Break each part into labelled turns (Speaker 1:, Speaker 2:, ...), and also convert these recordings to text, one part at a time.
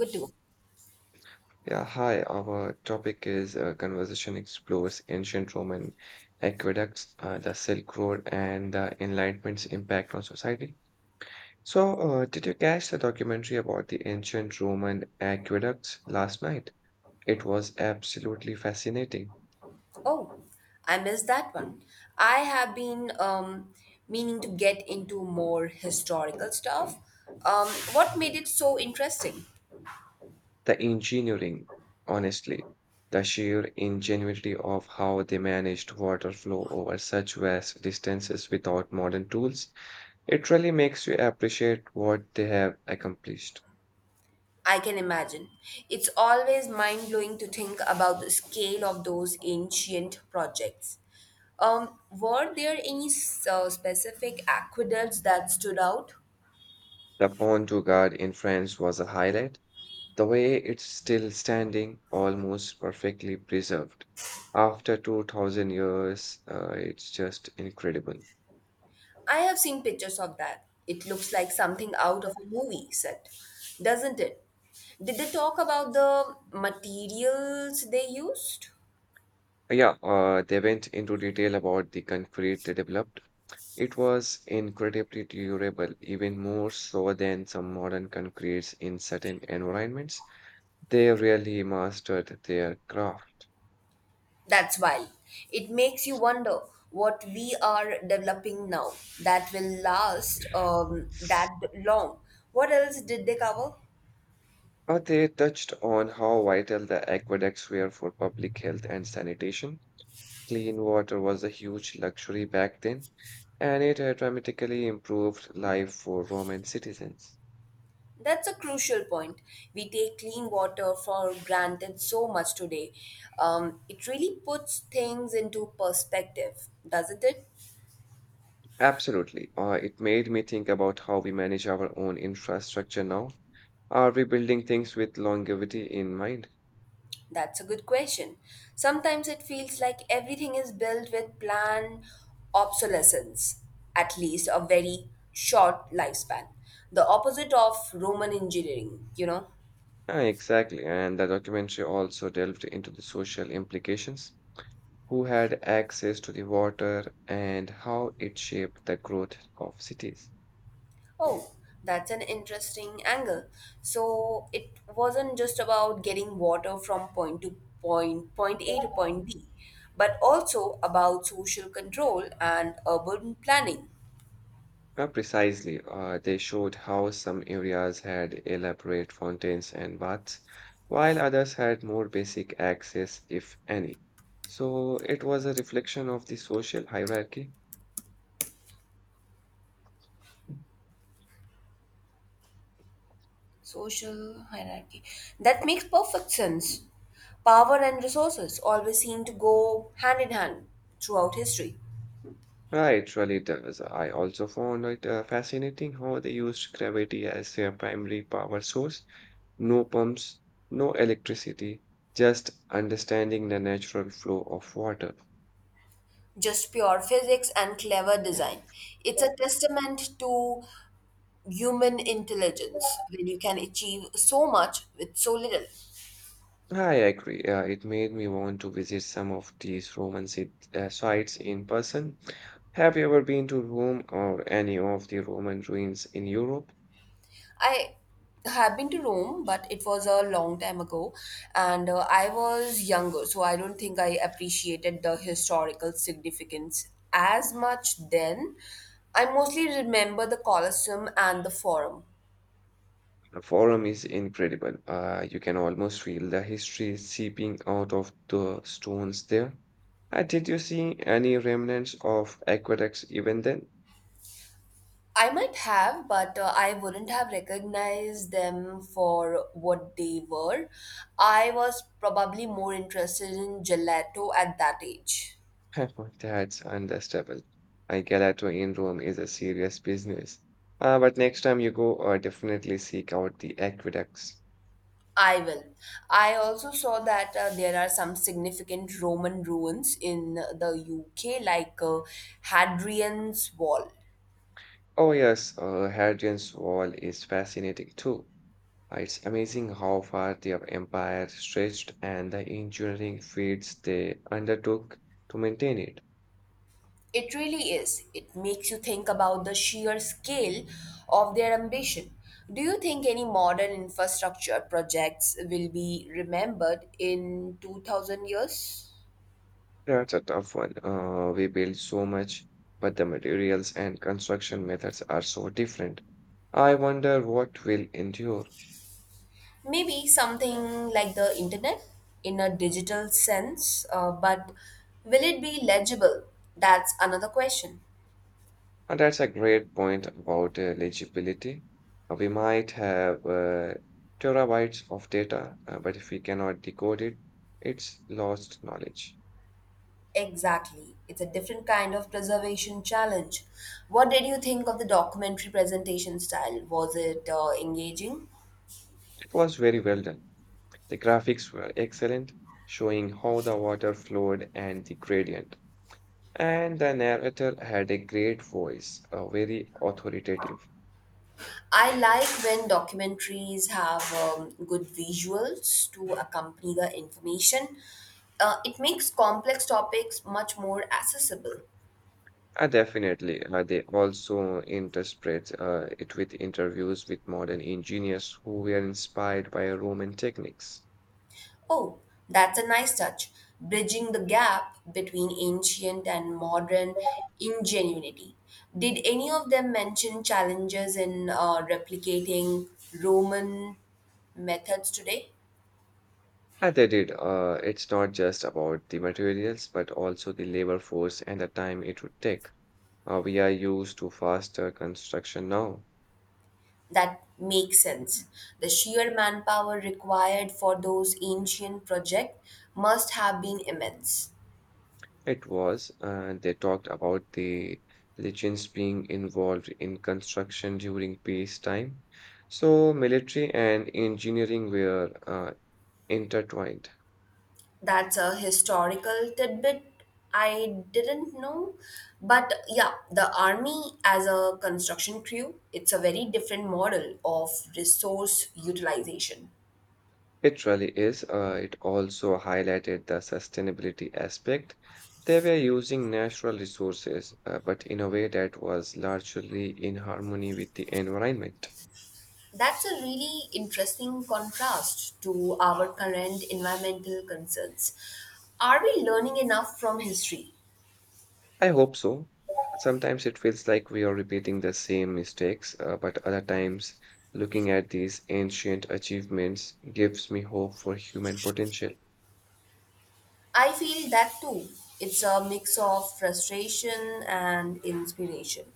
Speaker 1: Good too.
Speaker 2: Yeah, hi. Our topic is conversation explores ancient Roman aqueducts, the Silk Road, and the Enlightenment's impact on society. So, did you catch the documentary about the ancient Roman aqueducts last night? It was absolutely fascinating.
Speaker 1: Oh, I missed that one. I have been meaning to get into more historical stuff. Um, what made it so interesting?
Speaker 2: The engineering, honestly, the sheer ingenuity of how they managed water flow over such vast distances without modern tools, it really makes you appreciate what they have accomplished.
Speaker 1: I can imagine. It's always mind blowing to think about the scale of those ancient projects. Were there any specific aqueducts that stood out?
Speaker 2: The Pont du Gard in France was a highlight. The way it's still standing, almost perfectly preserved. After 2000 years, it's just incredible.
Speaker 1: I have seen pictures of that. It looks like something out of a movie set, doesn't it? Did they talk about the materials they used?
Speaker 2: Yeah, they went into detail about the concrete they developed. It was incredibly durable, even more so than some modern concretes in certain environments. They really mastered their craft.
Speaker 1: That's wild. It makes you wonder what we are developing now that will last that long. What else did they cover?
Speaker 2: They touched on how vital the aqueducts were for public health and sanitation. Clean water was a huge luxury back then, and it had dramatically improved life for Roman citizens.
Speaker 1: That's a crucial point. We take clean water for granted so much today. It really puts things into perspective, doesn't it?
Speaker 2: Absolutely. It made me think about how we manage our own infrastructure now. Are we building things with longevity in mind?
Speaker 1: That's a good question. Sometimes it feels like everything is built with planned obsolescence, at least a very short lifespan. The opposite of Roman engineering, you know?
Speaker 2: Ah, exactly. And the documentary also delved into the social implications, who had access to the water and how it shaped the growth of cities.
Speaker 1: Oh, that's an interesting angle. So it wasn't just about getting water from point to point, point A to point B, but also about social control and urban planning.
Speaker 2: Ah, precisely, they showed how some areas had elaborate fountains and baths, while others had more basic access, if any. So it was a reflection of the social hierarchy.
Speaker 1: Social hierarchy. That makes perfect sense. Power and resources always seem to go hand in hand throughout history.
Speaker 2: Right, really does. I also found it fascinating how they used gravity as their primary power source. No pumps, no electricity, just understanding the natural flow of water.
Speaker 1: Just pure physics and clever design. It's a testament to human intelligence when you can achieve so much with so little.
Speaker 2: I agree. It made me want to visit some of these sites in person. Have you ever been to Rome or any of the Roman ruins in Europe?
Speaker 1: I have been to Rome, but it was a long time ago, and I was younger, so I don't think I appreciated the historical significance as much then. I mostly remember the Colosseum and the Forum.
Speaker 2: The Forum is incredible. You can almost feel the history seeping out of the stones there. Did you see any remnants of aqueducts even then?
Speaker 1: I might have, but I wouldn't have recognized them for what they were. I was probably more interested in gelato at that age.
Speaker 2: That's understandable. A gelato in Rome is a serious business. But next time you go, definitely seek out the aqueducts.
Speaker 1: I will. I also saw that there are some significant Roman ruins in the UK, like Hadrian's Wall.
Speaker 2: Oh yes, Hadrian's Wall is fascinating too. It's amazing how far their empire stretched and the engineering feats they undertook to maintain it.
Speaker 1: It really is. It makes you think about the sheer scale of their ambition. Do you think any modern infrastructure projects will be remembered in 2000 years?
Speaker 2: That's a tough one. We build so much, but the materials and construction methods are so different. I wonder what will endure.
Speaker 1: Maybe something like the internet in a digital sense, but will it be legible? That's another question.
Speaker 2: And that's a great point about legibility. We might have terabytes of data, but if we cannot decode it, it's lost knowledge.
Speaker 1: Exactly. It's a different kind of preservation challenge. What did you think of the documentary presentation style? Was it engaging?
Speaker 2: It was very well done. The graphics were excellent, showing how the water flowed and the gradient. And the narrator had a great voice, very authoritative.
Speaker 1: I like when documentaries have good visuals to accompany the information. It makes complex topics much more accessible.
Speaker 2: Definitely, they also interspread it with interviews with modern engineers who were inspired by Roman techniques.
Speaker 1: Oh, that's a nice touch, bridging the gap between ancient and modern ingenuity. Did any of them mention challenges in replicating Roman methods today?
Speaker 2: Yeah, they did. It's not just about the materials, but also the labor force and the time it would take. We are used to faster construction now.
Speaker 1: That makes sense. The sheer manpower required for those ancient projects must have been immense.
Speaker 2: It was, they talked about the legends being involved in construction during peacetime. So military and engineering were intertwined.
Speaker 1: That's a historical tidbit I didn't know. But yeah, the army as a construction crew, it's a very different model of resource utilization.
Speaker 2: It really is. It also highlighted the sustainability aspect. They were using natural resources, but in a way that was largely in harmony with the environment.
Speaker 1: That's a really interesting contrast to our current environmental concerns. Are we learning enough from history?
Speaker 2: I hope so. Sometimes it feels like we are repeating the same mistakes, but other times, looking at these ancient achievements gives me hope for human potential.
Speaker 1: I feel that too. It's a mix of frustration and inspiration.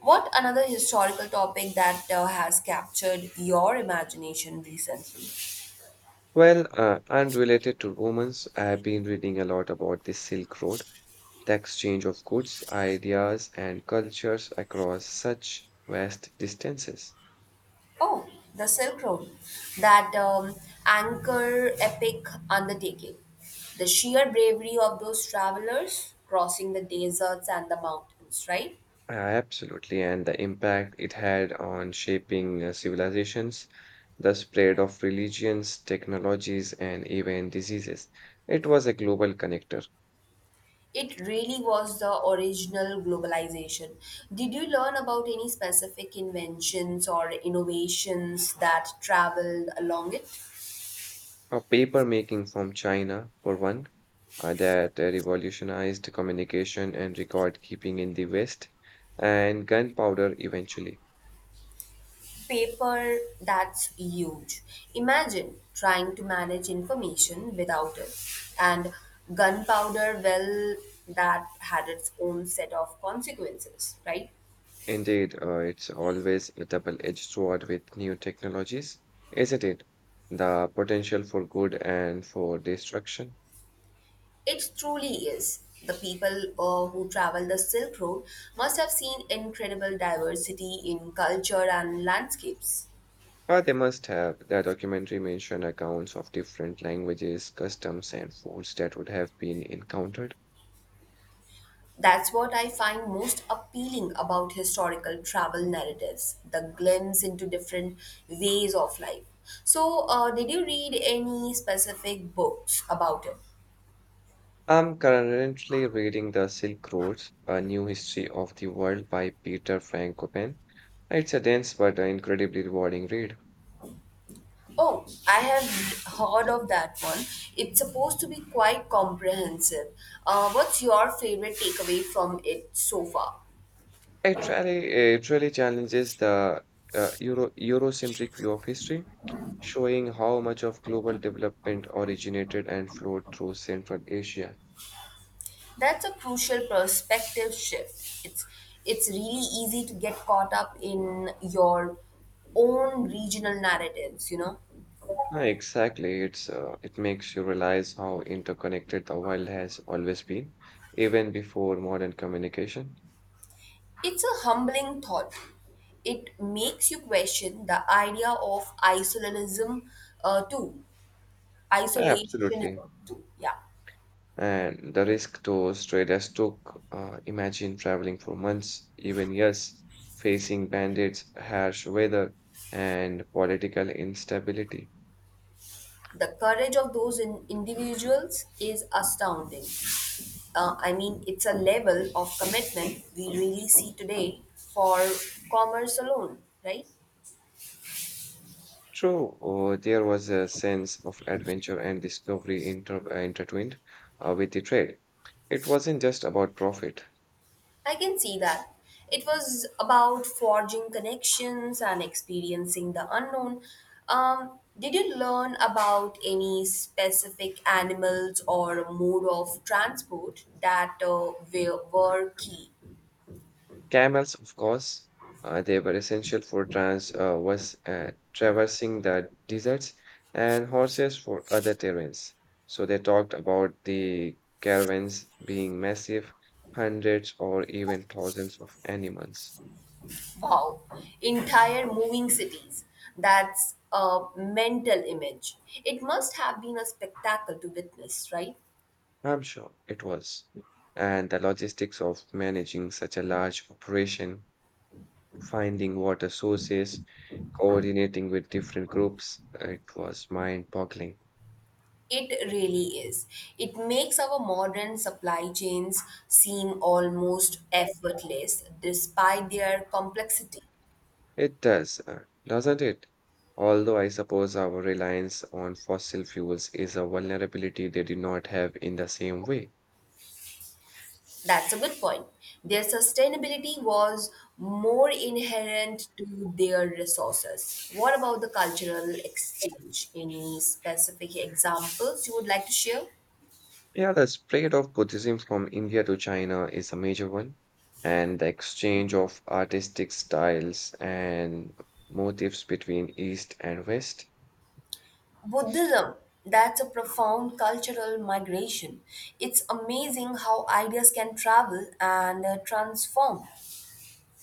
Speaker 1: What another historical topic that has captured your imagination recently?
Speaker 2: Well, unrelated to Romans, I have been reading a lot about the Silk Road, the exchange of goods, ideas, and cultures across such vast distances.
Speaker 1: Oh, the Silk Road, that anchor epic undertaking. The sheer bravery of those travelers crossing the deserts and the mountains, right?
Speaker 2: Absolutely, and the impact it had on shaping civilizations. The spread of religions, technologies, and even diseases. It was a global connector.
Speaker 1: It really was the original globalization. Did you learn about any specific inventions or innovations that traveled along it?
Speaker 2: A paper making from China, for one, that revolutionized communication and record keeping in the West, and gunpowder eventually.
Speaker 1: Paper, that's huge. Imagine trying to manage information without it. And gunpowder, well, that had its own set of consequences, right?
Speaker 2: Indeed, it's always a double edged sword with new technologies, isn't it? The potential for good and for destruction.
Speaker 1: It truly is. The people who travel the Silk Road must have seen incredible diversity in culture and landscapes.
Speaker 2: Ah, they must have. The documentary mentioned accounts of different languages, customs, and foods that would have been encountered.
Speaker 1: That's what I find most appealing about historical travel narratives the glimpse into different ways of life. So, did you read any specific books about it?
Speaker 2: I'm currently reading The Silk Roads, A New History of the World by Peter Frankopan. It's a dense but incredibly rewarding read.
Speaker 1: Oh, I have heard of that one. It's supposed to be quite comprehensive. What's your favorite takeaway from it so far?
Speaker 2: Actually, it really challenges the Eurocentric view of history, showing how much of global development originated and flowed through Central Asia.
Speaker 1: That's a crucial perspective shift. It's really easy to get caught up in your own regional narratives, you know.
Speaker 2: Yeah, exactly. It makes you realize how interconnected the world has always been, even before modern communication.
Speaker 1: It's a humbling thought. It makes you question the idea of isolationism too.
Speaker 2: Absolutely.
Speaker 1: Isolationism too. Yeah.
Speaker 2: And the risk those traders took, imagine traveling for months, even years, facing bandits, harsh weather, and political instability.
Speaker 1: The courage of those in individuals is astounding. I mean, it's a level of commitment we really see today for commerce alone, right?
Speaker 2: True, there was a sense of adventure and discovery intertwined with the trade. It wasn't just about profit.
Speaker 1: I can see that. It was about forging connections and experiencing the unknown. Did you learn about any specific animals or mode of transport that were key?
Speaker 2: Camels, of course, they were essential for trans was traversing the deserts, and horses for other terrains. So they talked about the caravans being massive, hundreds or even thousands of animals.
Speaker 1: Wow, entire moving cities. That's a mental image. It must have been a spectacle to witness, right?
Speaker 2: I'm sure it was. And the logistics of managing such a large operation, finding water sources, coordinating with different groups, it was mind-boggling.
Speaker 1: It really is. It makes our modern supply chains seem almost effortless despite their complexity.
Speaker 2: It does, doesn't it? Although I suppose our reliance on fossil fuels is a vulnerability they did not have in the same way.
Speaker 1: That's a good point. Their sustainability was more inherent to their resources. What about the cultural exchange? Any specific examples you would like to share?
Speaker 2: Yeah, the spread of Buddhism from India to China is a major one, and the exchange of artistic styles and motifs between East and West.
Speaker 1: Buddhism. That's a profound cultural migration. It's amazing how ideas can travel and transform.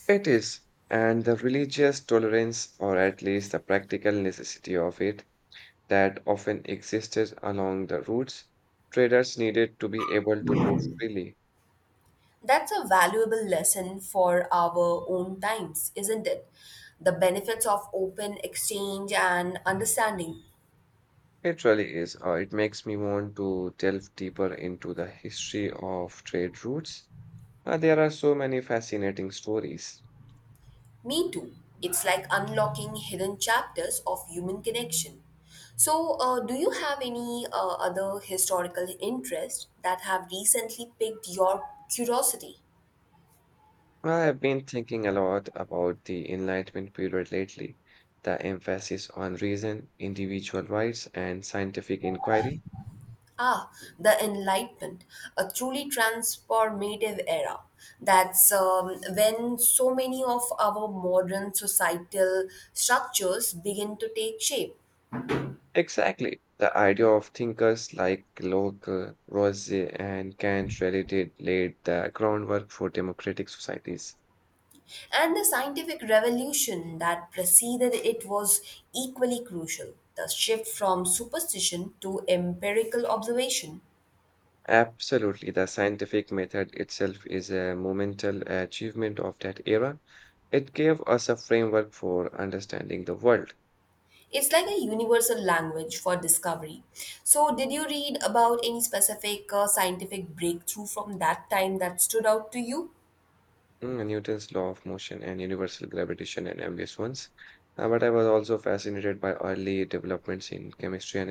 Speaker 2: It is, and the religious tolerance, or at least the practical necessity of it, that often existed along the routes, traders needed to be able to move freely.
Speaker 1: That's a valuable lesson for our own times, isn't it? The benefits of open exchange and understanding.
Speaker 2: It really is. It makes me want to delve deeper into the history of trade routes. There are so many fascinating stories.
Speaker 1: Me too. It's like unlocking hidden chapters of human connection. So, do you have any other historical interests that have recently piqued your curiosity?
Speaker 2: I have been thinking a lot about the Enlightenment period lately, the emphasis on reason, individual rights, and scientific inquiry.
Speaker 1: Ah, the Enlightenment, a truly transformative era. That's when so many of our modern societal structures begin to take shape.
Speaker 2: Exactly. The idea of thinkers like Locke, Rosse, and Kant really did laid the groundwork for democratic societies.
Speaker 1: And the scientific revolution that preceded it was equally crucial. The shift from superstition to empirical observation.
Speaker 2: Absolutely, the scientific method itself is a monumental achievement of that era. It gave us a framework for understanding the world.
Speaker 1: It's like a universal language for discovery. So, did you read about any specific scientific breakthrough from that time that stood out to you?
Speaker 2: Mm, Newton's law of motion and universal gravitation and ambiguous ones. But I was also fascinated by early developments in chemistry and